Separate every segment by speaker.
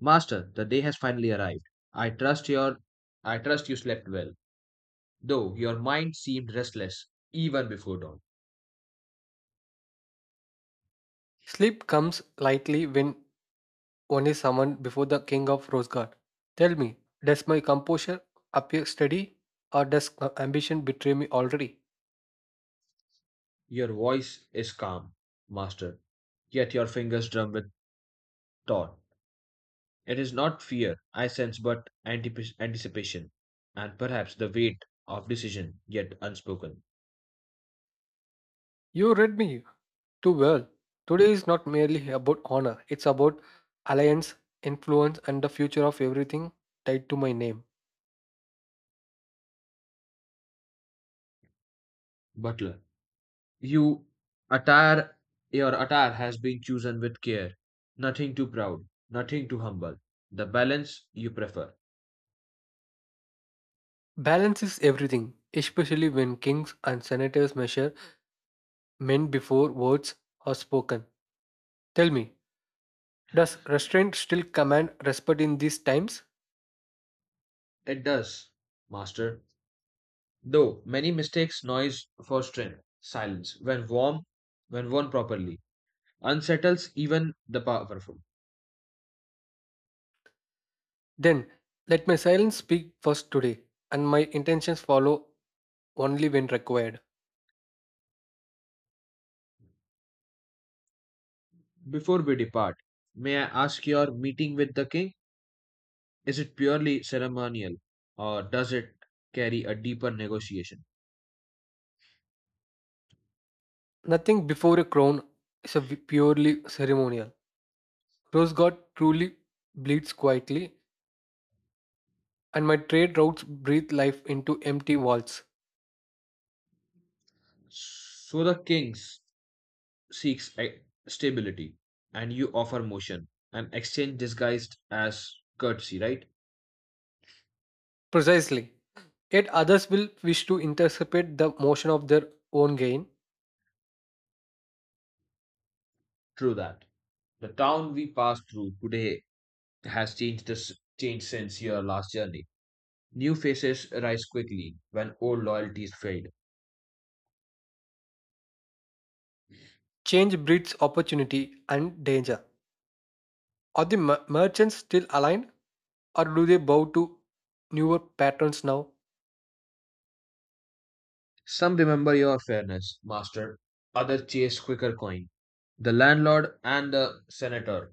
Speaker 1: Master, the day has finally arrived. I trust your I trust you slept well, though your mind seemed restless even before dawn.
Speaker 2: Sleep comes lightly when one is summoned before the king of Rosgard. Tell me, does my composure appear steady, or does ambition betray me already?
Speaker 1: Your voice is calm, Master, yet your fingers drum with thought. It is not fear I sense, but anticipation, and perhaps the weight of decision yet unspoken.
Speaker 2: You read me too well. Today is not merely about honor, it's about alliance, influence, and the future of everything tied to my name.
Speaker 1: Butler, you attire your attire has been chosen with care, nothing too proud, nothing too humble. The balance you prefer.
Speaker 2: Balance is everything, especially when kings and senators measure men before words are spoken. Tell me, does restraint still command respect in these times?
Speaker 1: It does, Master. Though many mistakes noise for strength. Silence, when warm, when worn properly, unsettles even the powerful.
Speaker 2: Then, let my silence speak first today, and my intentions follow only when required.
Speaker 1: Before we depart, may I ask your meeting with the king? Is it purely ceremonial, or does it carry a deeper negotiation?
Speaker 2: Nothing before a crown is purely ceremonial. Rose God truly bleeds quietly, and my trade routes breathe life into empty vaults.
Speaker 1: So the seeks stability, and you offer motion, an exchange disguised as courtesy, right?
Speaker 2: Precisely. Yet others will wish to intercept the motion of their own gain.
Speaker 1: True that. The town we passed through today has changed this changed since your last journey. New faces rise quickly when old loyalties fade.
Speaker 2: Change breeds opportunity and danger. Are the merchants still aligned, or do they bow to newer patterns now?
Speaker 1: Some remember your fairness, master, others chase quicker coin. The landlord and the senator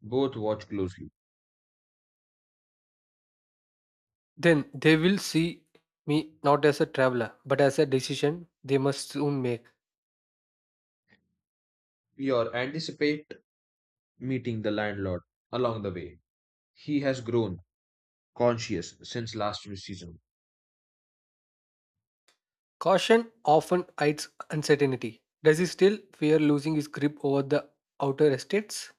Speaker 1: both watch closely.
Speaker 2: Then they will see me not as a traveler, but as a decision they must soon make.
Speaker 1: You anticipate meeting the landlord along the way. He has grown conscious since last season.
Speaker 2: Caution often hides uncertainty. Does he still fear losing his grip over the outer estates?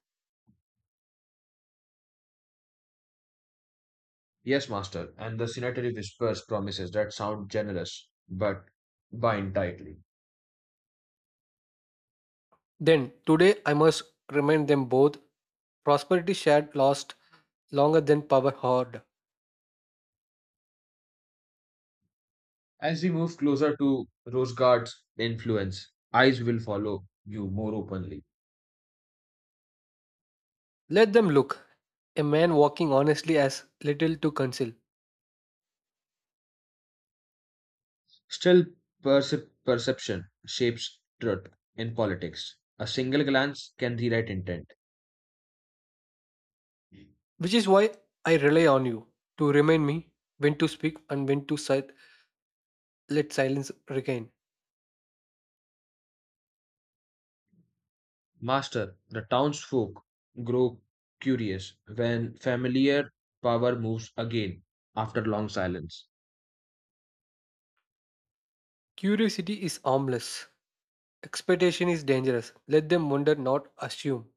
Speaker 1: Yes, master, and the senator whispers promises that sound generous but bind tightly.
Speaker 2: Then, today I must remind them both prosperity shared lost longer than power hoard.
Speaker 1: As we move closer to Rosegard's influence, eyes will follow you more openly.
Speaker 2: Let them look. A man walking honestly has little to conceal,
Speaker 1: Still, perception shapes truth in politics. A single glance can rewrite intent.
Speaker 2: which is why I rely on you to remind me when to speak and when to let silence regain.
Speaker 1: Master, the townsfolk grow curious when familiar power moves again after long silence.
Speaker 2: Curiosity is harmless. Expectation is dangerous. Let them wonder, not assume.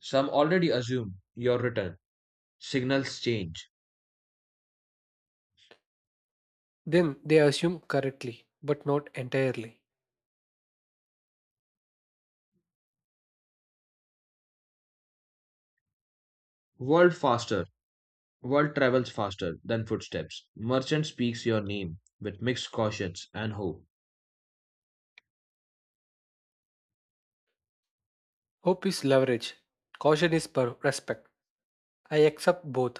Speaker 1: Some already assume your return. Signals change.
Speaker 2: Then they assume correctly, but not entirely.
Speaker 1: World faster World travels faster than footsteps. Merchant speaks your name with mixed cautions and hope.
Speaker 2: Hope is leverage. Caution is respect. I accept both,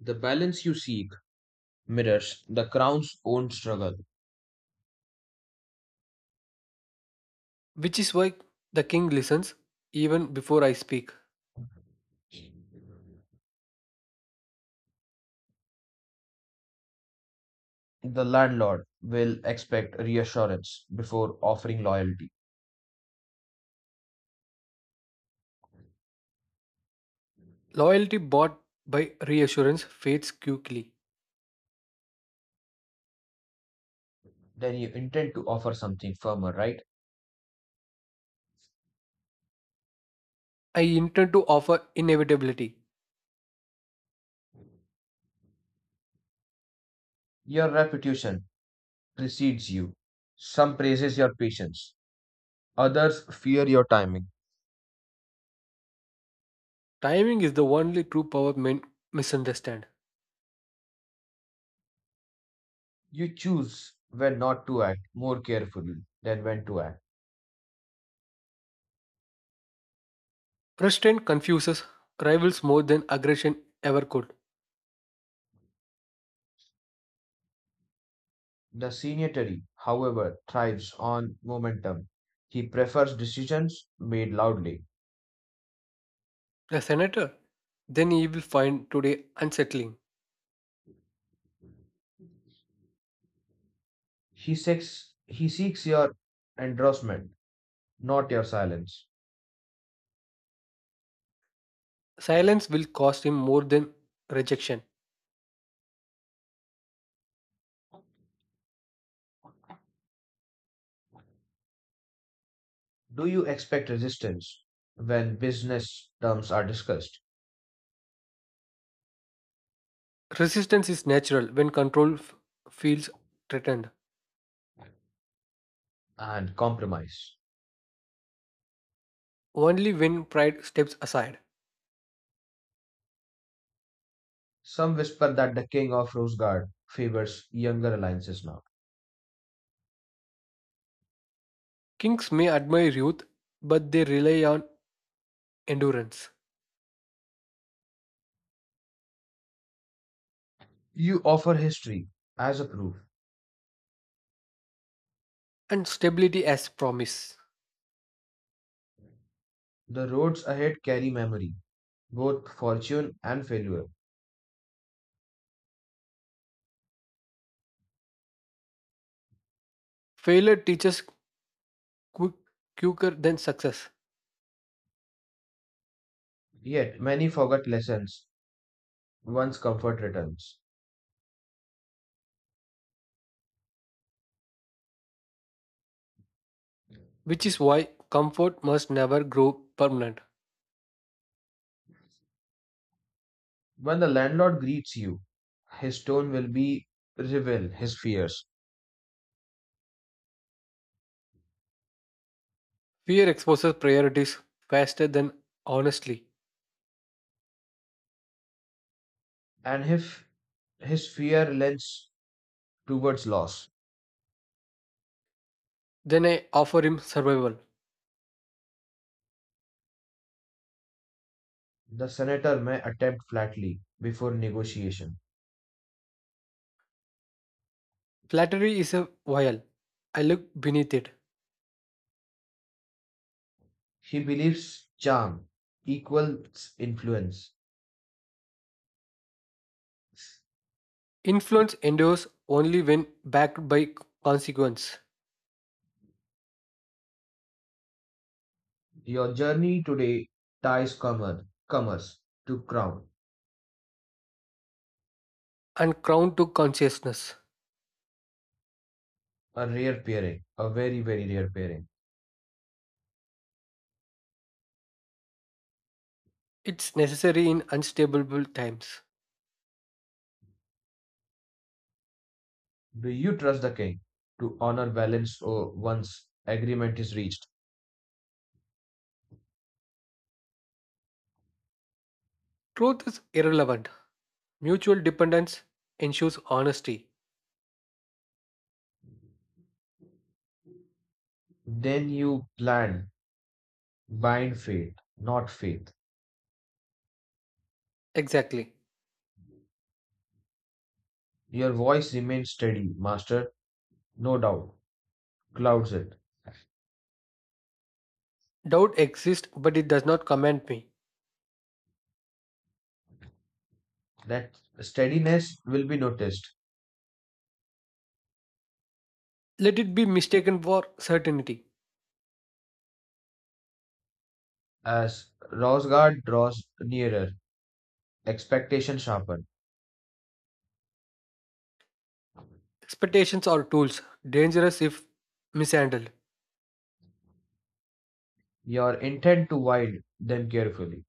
Speaker 1: The balance you seek mirrors the crown's own struggle.
Speaker 2: which is why the king listens even before I speak.
Speaker 1: The landlord will expect reassurance before offering loyalty.
Speaker 2: Loyalty bought by reassurance fades quickly.
Speaker 1: Then you intend to offer something firmer, right?
Speaker 2: I intend to offer inevitability.
Speaker 1: Your reputation precedes you. Some praises your patience, others fear your timing.
Speaker 2: Timing is the only true power men misunderstand.
Speaker 1: You choose when not to act more carefully than when to act.
Speaker 2: Restraint confuses rivals more than aggression ever could.
Speaker 1: The signatory, however, thrives on momentum. He prefers decisions made loudly.
Speaker 2: A senator? Then he will find today unsettling.
Speaker 1: He seeks your endorsement, not your silence.
Speaker 2: Silence will cost him more than rejection.
Speaker 1: Do you expect resistance when business terms are discussed
Speaker 2: Resistance is natural when control feels threatened,
Speaker 1: and compromise?
Speaker 2: only when pride steps aside.
Speaker 1: Some whisper that the king of Rosegard favors younger alliances now.
Speaker 2: Kings may admire youth, but they rely on endurance
Speaker 1: You offer history as a proof.
Speaker 2: and stability as promise.
Speaker 1: The roads ahead carry memory, both fortune and failure.
Speaker 2: Failure teaches quick, quicker than success,
Speaker 1: Yet many forget lessons once comfort returns.
Speaker 2: which is why comfort must never grow permanent.
Speaker 1: When the landlord greets you, his tone will be reveal his fears,
Speaker 2: Fear exposes priorities faster than honestly.
Speaker 1: and if his fear lends towards loss,
Speaker 2: Then I offer him survival.
Speaker 1: the senator may attempt flatly before negotiation.
Speaker 2: Flattery is a vial. I look beneath it.
Speaker 1: He believes charm equals influence.
Speaker 2: Influence endures only when backed by consequence
Speaker 1: Your journey today ties commerce to crown,
Speaker 2: and crowned to consciousness.
Speaker 1: a rare pairing, a very rare pairing.
Speaker 2: It's necessary in unstable times.
Speaker 1: Do you trust the king to honor balance or once agreement is reached?
Speaker 2: Truth is irrelevant. Mutual dependence ensures honesty.
Speaker 1: Then you plan, bind faith, not faith.
Speaker 2: Exactly.
Speaker 1: Your voice remains steady, Master, no doubt, clouds it.
Speaker 2: Doubt exists, but it does not command me.
Speaker 1: That steadiness will be noticed
Speaker 2: Let it be mistaken for certainty.
Speaker 1: as Rosgard draws nearer, expectation sharpen.
Speaker 2: Expectations are tools, dangerous if mishandled.
Speaker 1: Your intent to wield them carefully.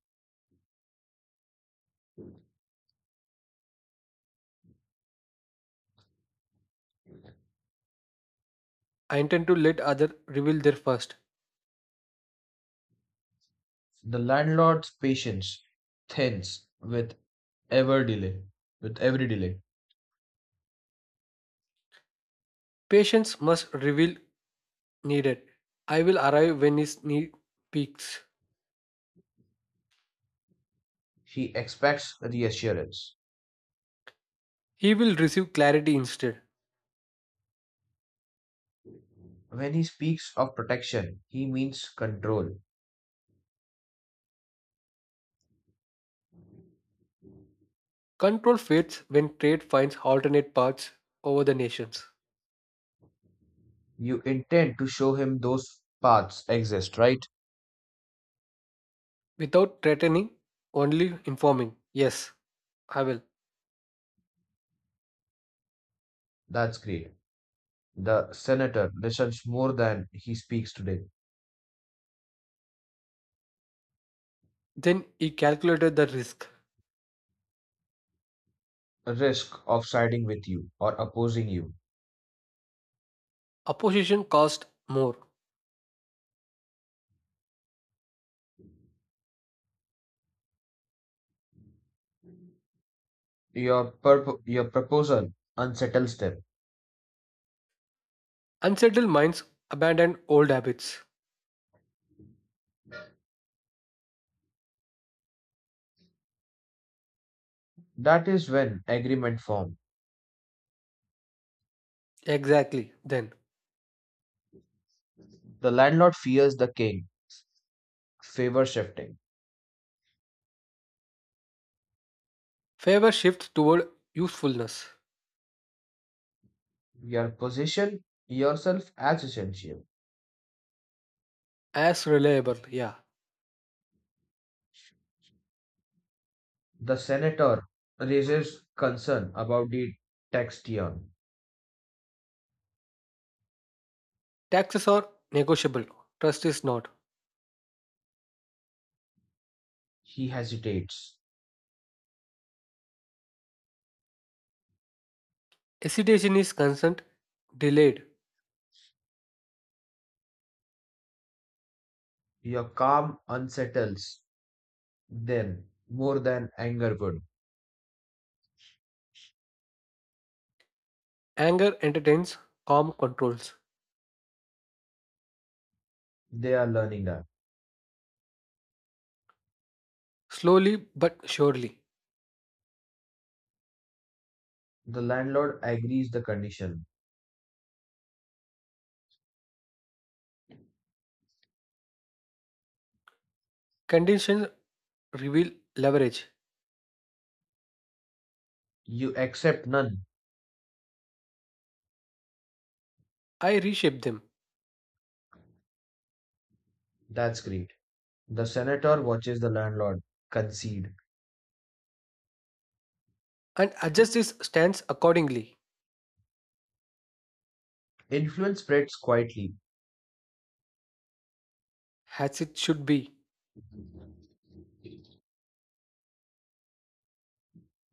Speaker 2: I intend to let others reveal their first.
Speaker 1: The landlord's patience thins with ever delay, with every delay.
Speaker 2: Patience must reveal needed. I will arrive when his need peaks.
Speaker 1: He expects reassurance.
Speaker 2: He will receive clarity instead.
Speaker 1: When he speaks of protection, he means control.
Speaker 2: Control fades when trade finds alternate paths over the nations.
Speaker 1: You intend to show him those paths exist, right?
Speaker 2: Without threatening, only informing. Yes, I will.
Speaker 1: That's great. The senator listens more than he speaks today.
Speaker 2: Then he calculated the risk.
Speaker 1: Risk of siding with you or opposing you.
Speaker 2: Opposition cost more.
Speaker 1: Your proposal unsettles them.
Speaker 2: Unsettled minds abandon old habits.
Speaker 1: That is when agreement forms.
Speaker 2: Exactly, then.
Speaker 1: The landlord fears the king, favor shifting.
Speaker 2: Favor shifts toward usefulness.
Speaker 1: Your position yourself as essential.
Speaker 2: As reliable, yeah.
Speaker 1: The senator raises concern about the tax tier.
Speaker 2: Taxes are negotiable, trust is not.
Speaker 1: He hesitates.
Speaker 2: Hesitation is constant, delayed.
Speaker 1: Your calm unsettles them more than anger would.
Speaker 2: Anger entertains, calm controls.
Speaker 1: They are learning that.
Speaker 2: Slowly but surely.
Speaker 1: The landlord agrees the condition.
Speaker 2: Conditions reveal leverage.
Speaker 1: You accept none.
Speaker 2: I reshape them
Speaker 1: That's great. The senator watches the landlord concede.
Speaker 2: and adjust his stance accordingly,
Speaker 1: Influence spreads quietly.
Speaker 2: as it should be.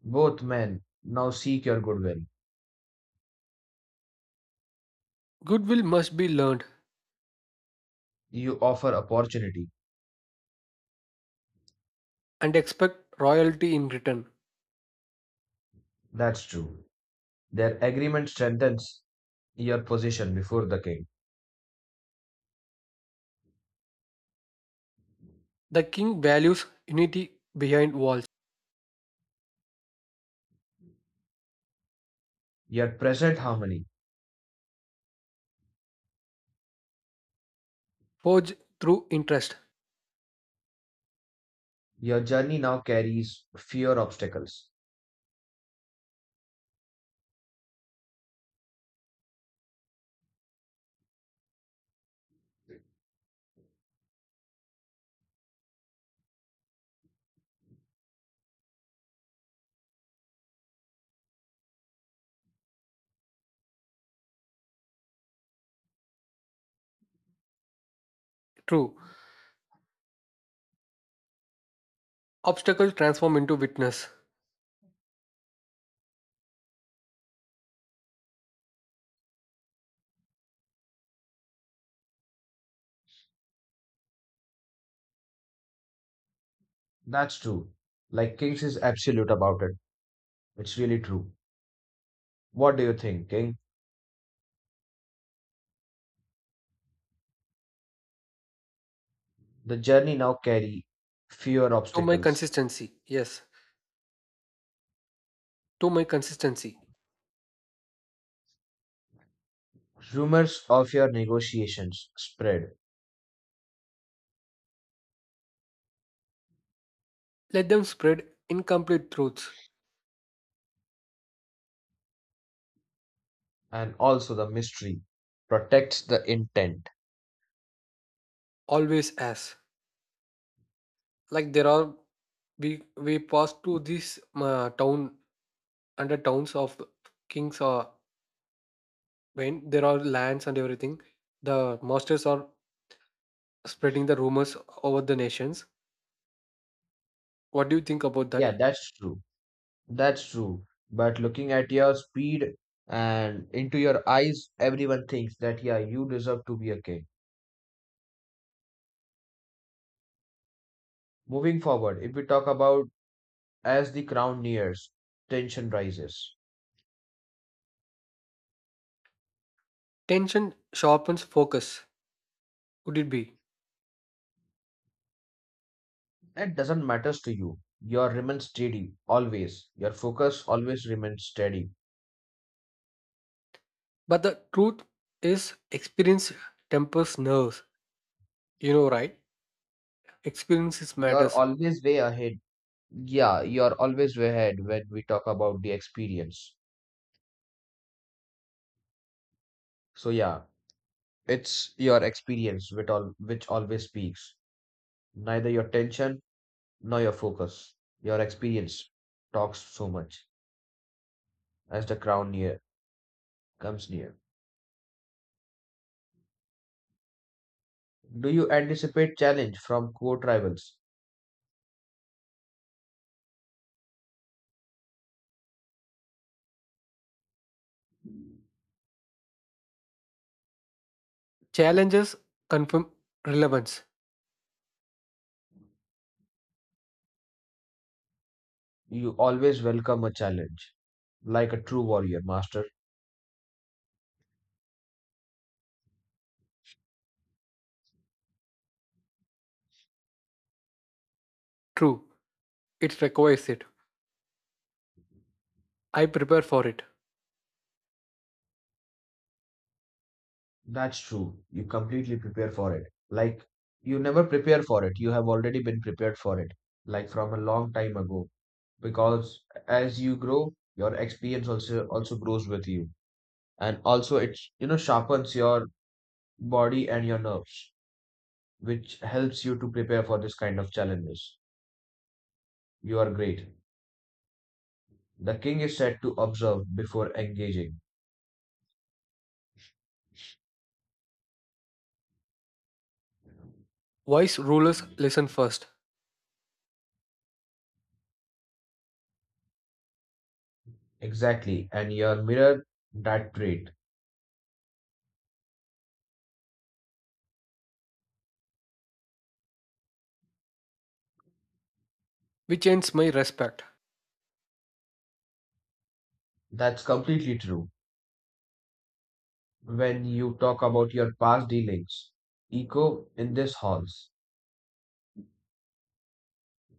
Speaker 1: Both men now seek your goodwill.
Speaker 2: Goodwill must be learned
Speaker 1: You offer opportunity.
Speaker 2: and expect royalty in return.
Speaker 1: That's true. Their agreement strengthens your position before the king.
Speaker 2: The king values unity behind walls,
Speaker 1: Your present harmony.
Speaker 2: forged through interest.
Speaker 1: Your journey now carries fewer obstacles.
Speaker 2: True. Obstacles transform into witness.
Speaker 1: That's true. Like Kings is absolute about it. It's really true. What do you think, King? The journey now carry fewer
Speaker 2: To my
Speaker 1: obstacles.
Speaker 2: consistency. Yes. To my consistency.
Speaker 1: Rumors of your negotiations spread,
Speaker 2: Let them spread incomplete truths,
Speaker 1: and also the mystery protects the intent.
Speaker 2: always as. Like there are, we passed through this town under towns of kings or when there are lands and everything. The masters are spreading the rumors over the nations. What do you think about
Speaker 1: Yeah,
Speaker 2: that?
Speaker 1: that's true. That's true. But looking at your speed and into your eyes, everyone thinks that yeah, you deserve to be a king. Moving forward, if we talk about as the crown nears, tension rises.
Speaker 2: Tension sharpens focus. Could it be?
Speaker 1: That doesn't matters to you. Your remain steady always. Your focus always remains steady.
Speaker 2: But the truth is, experience tempers nerves. You know, right? Experiences
Speaker 1: You're
Speaker 2: matters.
Speaker 1: always way ahead. Yeah, you're always way ahead when we talk about the experience. So yeah, it's your experience with all which always speaks. Neither your tension nor your focus. Your experience talks so much as the crown near comes near. Do you anticipate challenge from court rivals?
Speaker 2: Challenges confirm relevance.
Speaker 1: You always welcome a challenge, like a true warrior, master.
Speaker 2: True. It requires it. I prepare for it.
Speaker 1: That's true. You completely prepare for it. Like, you never prepare for it. You have already been prepared for it, like from a long time ago. Because as you grow, your experience also grows with you. And also it, sharpens your body and your nerves, which helps you to prepare for this kind of challenges. You are great. The king is said to observe before engaging.
Speaker 2: Wise rulers listen first,
Speaker 1: Exactly. And your mirror, that trait.
Speaker 2: which earns my respect.
Speaker 1: That's completely true. When you talk about your past dealings echo in this halls.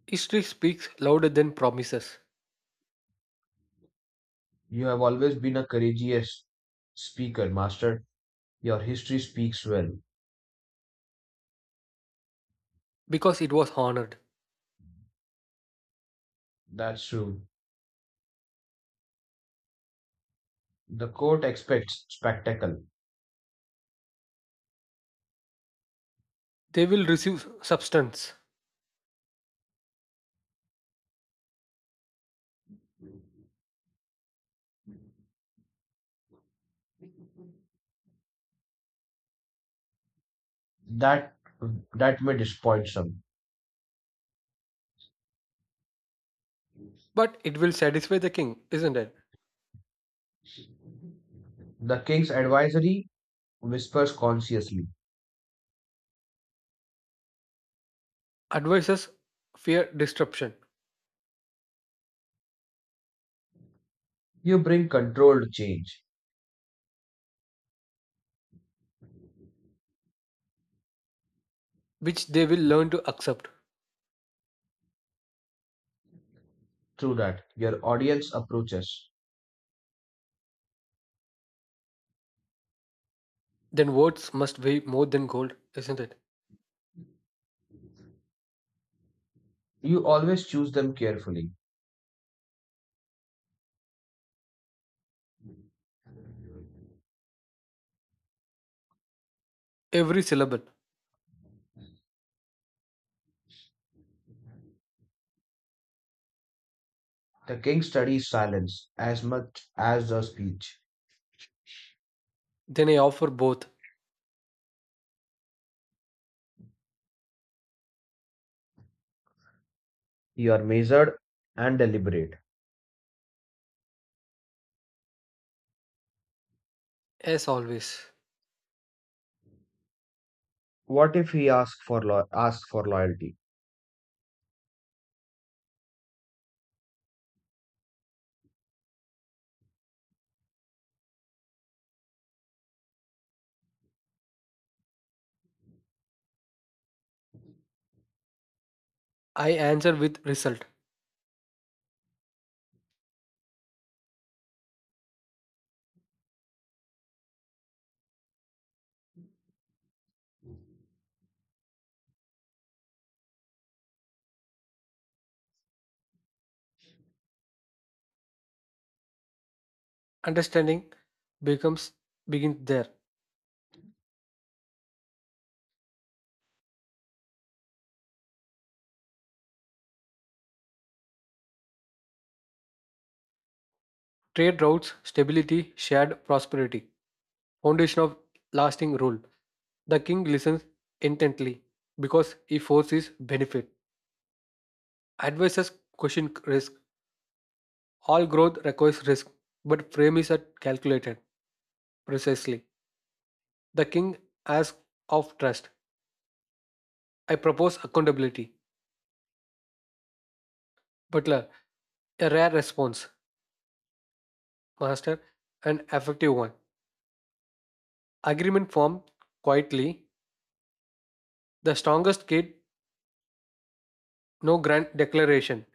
Speaker 2: History speaks louder than promises,
Speaker 1: You have always been a courageous speaker, master. Your history speaks well.
Speaker 2: because it was honored.
Speaker 1: That's true. The court expects spectacle.
Speaker 2: They will receive substance,
Speaker 1: That that may disappoint some.
Speaker 2: but it will satisfy the king, isn't it?
Speaker 1: The king's advisory whispers consciously.
Speaker 2: Advisors fear disruption,
Speaker 1: You bring controlled change.
Speaker 2: which they will learn to accept.
Speaker 1: Through that, your audience approaches.
Speaker 2: Then words must weigh more than gold, isn't it?
Speaker 1: You always choose them carefully.
Speaker 2: Every syllable.
Speaker 1: The king studies silence as much as the speech.
Speaker 2: Then I offer both,
Speaker 1: You are measured and deliberate.
Speaker 2: as always.
Speaker 1: What if he asks for loyalty?
Speaker 2: I answer with result. Understanding becomes begins there. Trade routes, stability, shared prosperity, foundation of lasting rule. The king listens intently because he foresees benefit. Advisors question risk. All growth requires risk, but frame is calculated precisely. The king asks of trust. I propose accountability. Butler, a rare response. Master, an effective one. Agreement formed quietly. The strongest kid, no grand declaration.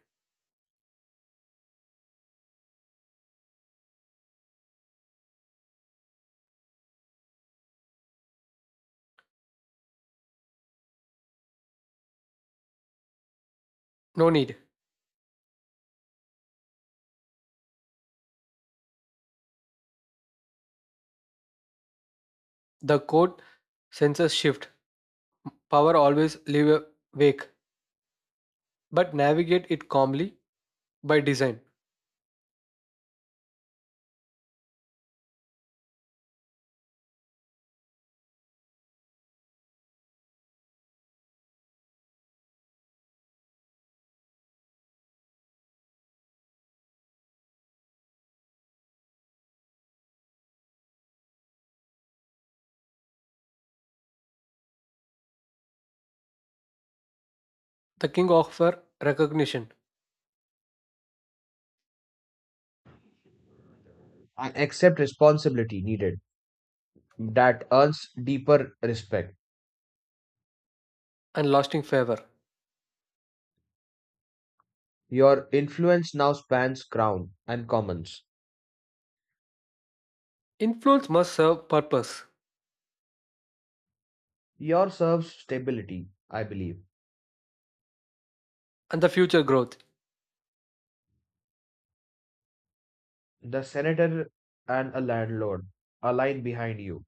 Speaker 2: No need. The court senses shift. Power always live awake, but navigate it calmly by design. The king offer recognition
Speaker 1: And accept responsibility needed that earns deeper respect.
Speaker 2: and lasting favor.
Speaker 1: Your influence now spans crown and commons.
Speaker 2: Influence must serve purpose
Speaker 1: Your serves stability, I believe.
Speaker 2: and the future growth.
Speaker 1: The senator and a landlord align behind you.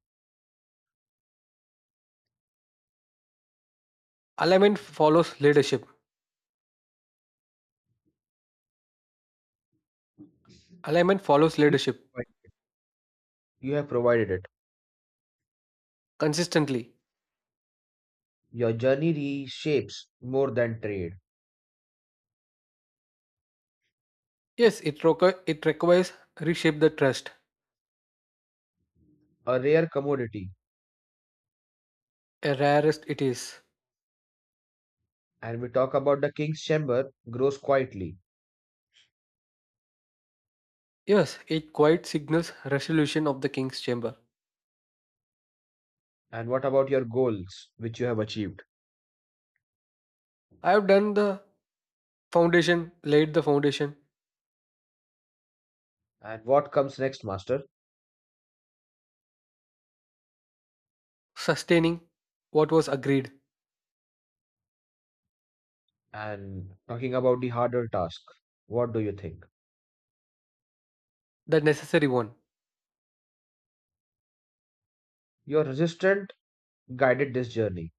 Speaker 2: Alignment follows leadership. Alignment follows
Speaker 1: You
Speaker 2: leadership
Speaker 1: you have provided it.
Speaker 2: consistently.
Speaker 1: Your journey reshapes more than trade,
Speaker 2: Yes, it, it requires reshape the trust.
Speaker 1: a rare commodity.
Speaker 2: A rarest it is.
Speaker 1: And we talk about the king's chamber grows quietly.
Speaker 2: Yes, it quite signals resolution of the king's chamber.
Speaker 1: And what about your goals, which you have achieved?
Speaker 2: I have done the foundation, laid the foundation,
Speaker 1: And what comes next, master?
Speaker 2: sustaining what was agreed,
Speaker 1: And talking about the harder task, what do you think?
Speaker 2: the necessary one.
Speaker 1: Your resistant guided this journey.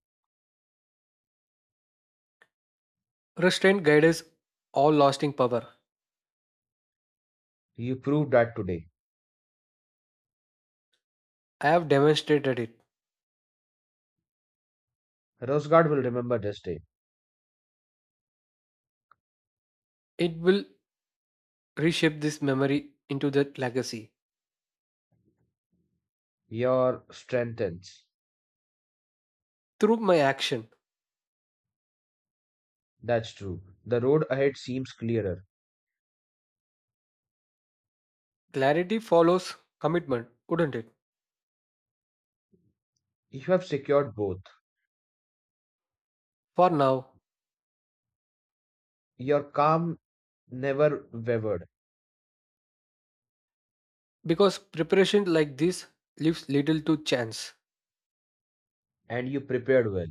Speaker 2: Restraint guides all lasting power.
Speaker 1: You proved that today.
Speaker 2: I have demonstrated it.
Speaker 1: Rosegard will remember this day.
Speaker 2: It will reshape this memory into that legacy.
Speaker 1: Your strengthens.
Speaker 2: Through my action,
Speaker 1: That's true. The road ahead seems clearer.
Speaker 2: clarity follows commitment, wouldn't it?
Speaker 1: You have secured both.
Speaker 2: For now,
Speaker 1: Your calm never wavered,
Speaker 2: because preparation like this leaves little to chance.
Speaker 1: and you prepared well.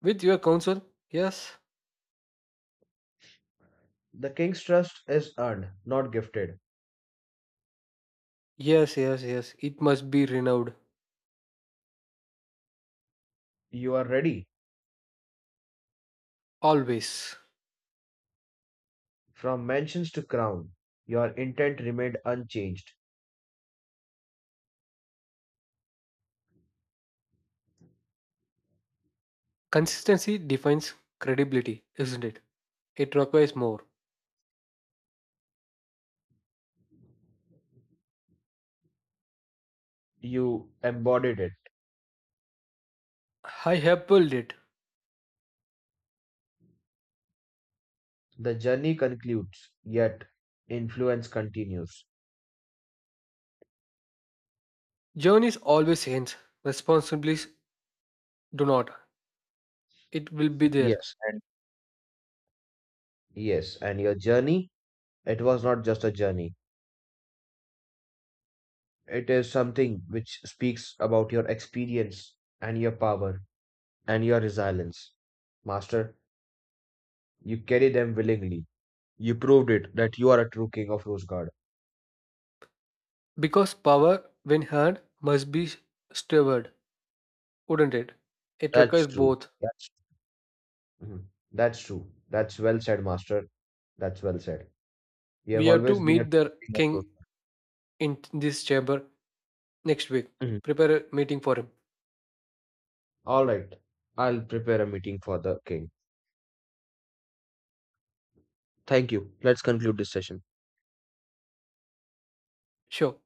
Speaker 2: With your counsel, yes,
Speaker 1: The king's trust is earned, not gifted.
Speaker 2: yes, it must be renewed.
Speaker 1: You are ready.
Speaker 2: Always.
Speaker 1: From mansions to crown, your intent remained unchanged.
Speaker 2: Consistency defines credibility, isn't it? It requires more.
Speaker 1: You embodied it.
Speaker 2: I have pulled it.
Speaker 1: The journey concludes, yet influence continues.
Speaker 2: Journeys always ends, responsibilities do not. It will be there
Speaker 1: Yes, and yes, and your journey, it was not just a journey. It is something which speaks about your experience and your power and your resilience. Master, you carry them willingly. You proved it that you are a true king of Rose God.
Speaker 2: because power, when had, must be steward, wouldn't it? It
Speaker 1: That's
Speaker 2: requires
Speaker 1: true.
Speaker 2: both.
Speaker 1: That's Mhm. That's true. That's well said, Master. That's well said. You
Speaker 2: We
Speaker 1: have
Speaker 2: have to
Speaker 1: always been a
Speaker 2: meet
Speaker 1: true
Speaker 2: the
Speaker 1: king of those.
Speaker 2: king in this chamber next week.
Speaker 1: Mhm.
Speaker 2: Prepare a meeting for him.
Speaker 1: All right. I'll prepare a meeting for the king. Thank you. Let's conclude this session.
Speaker 2: Sure.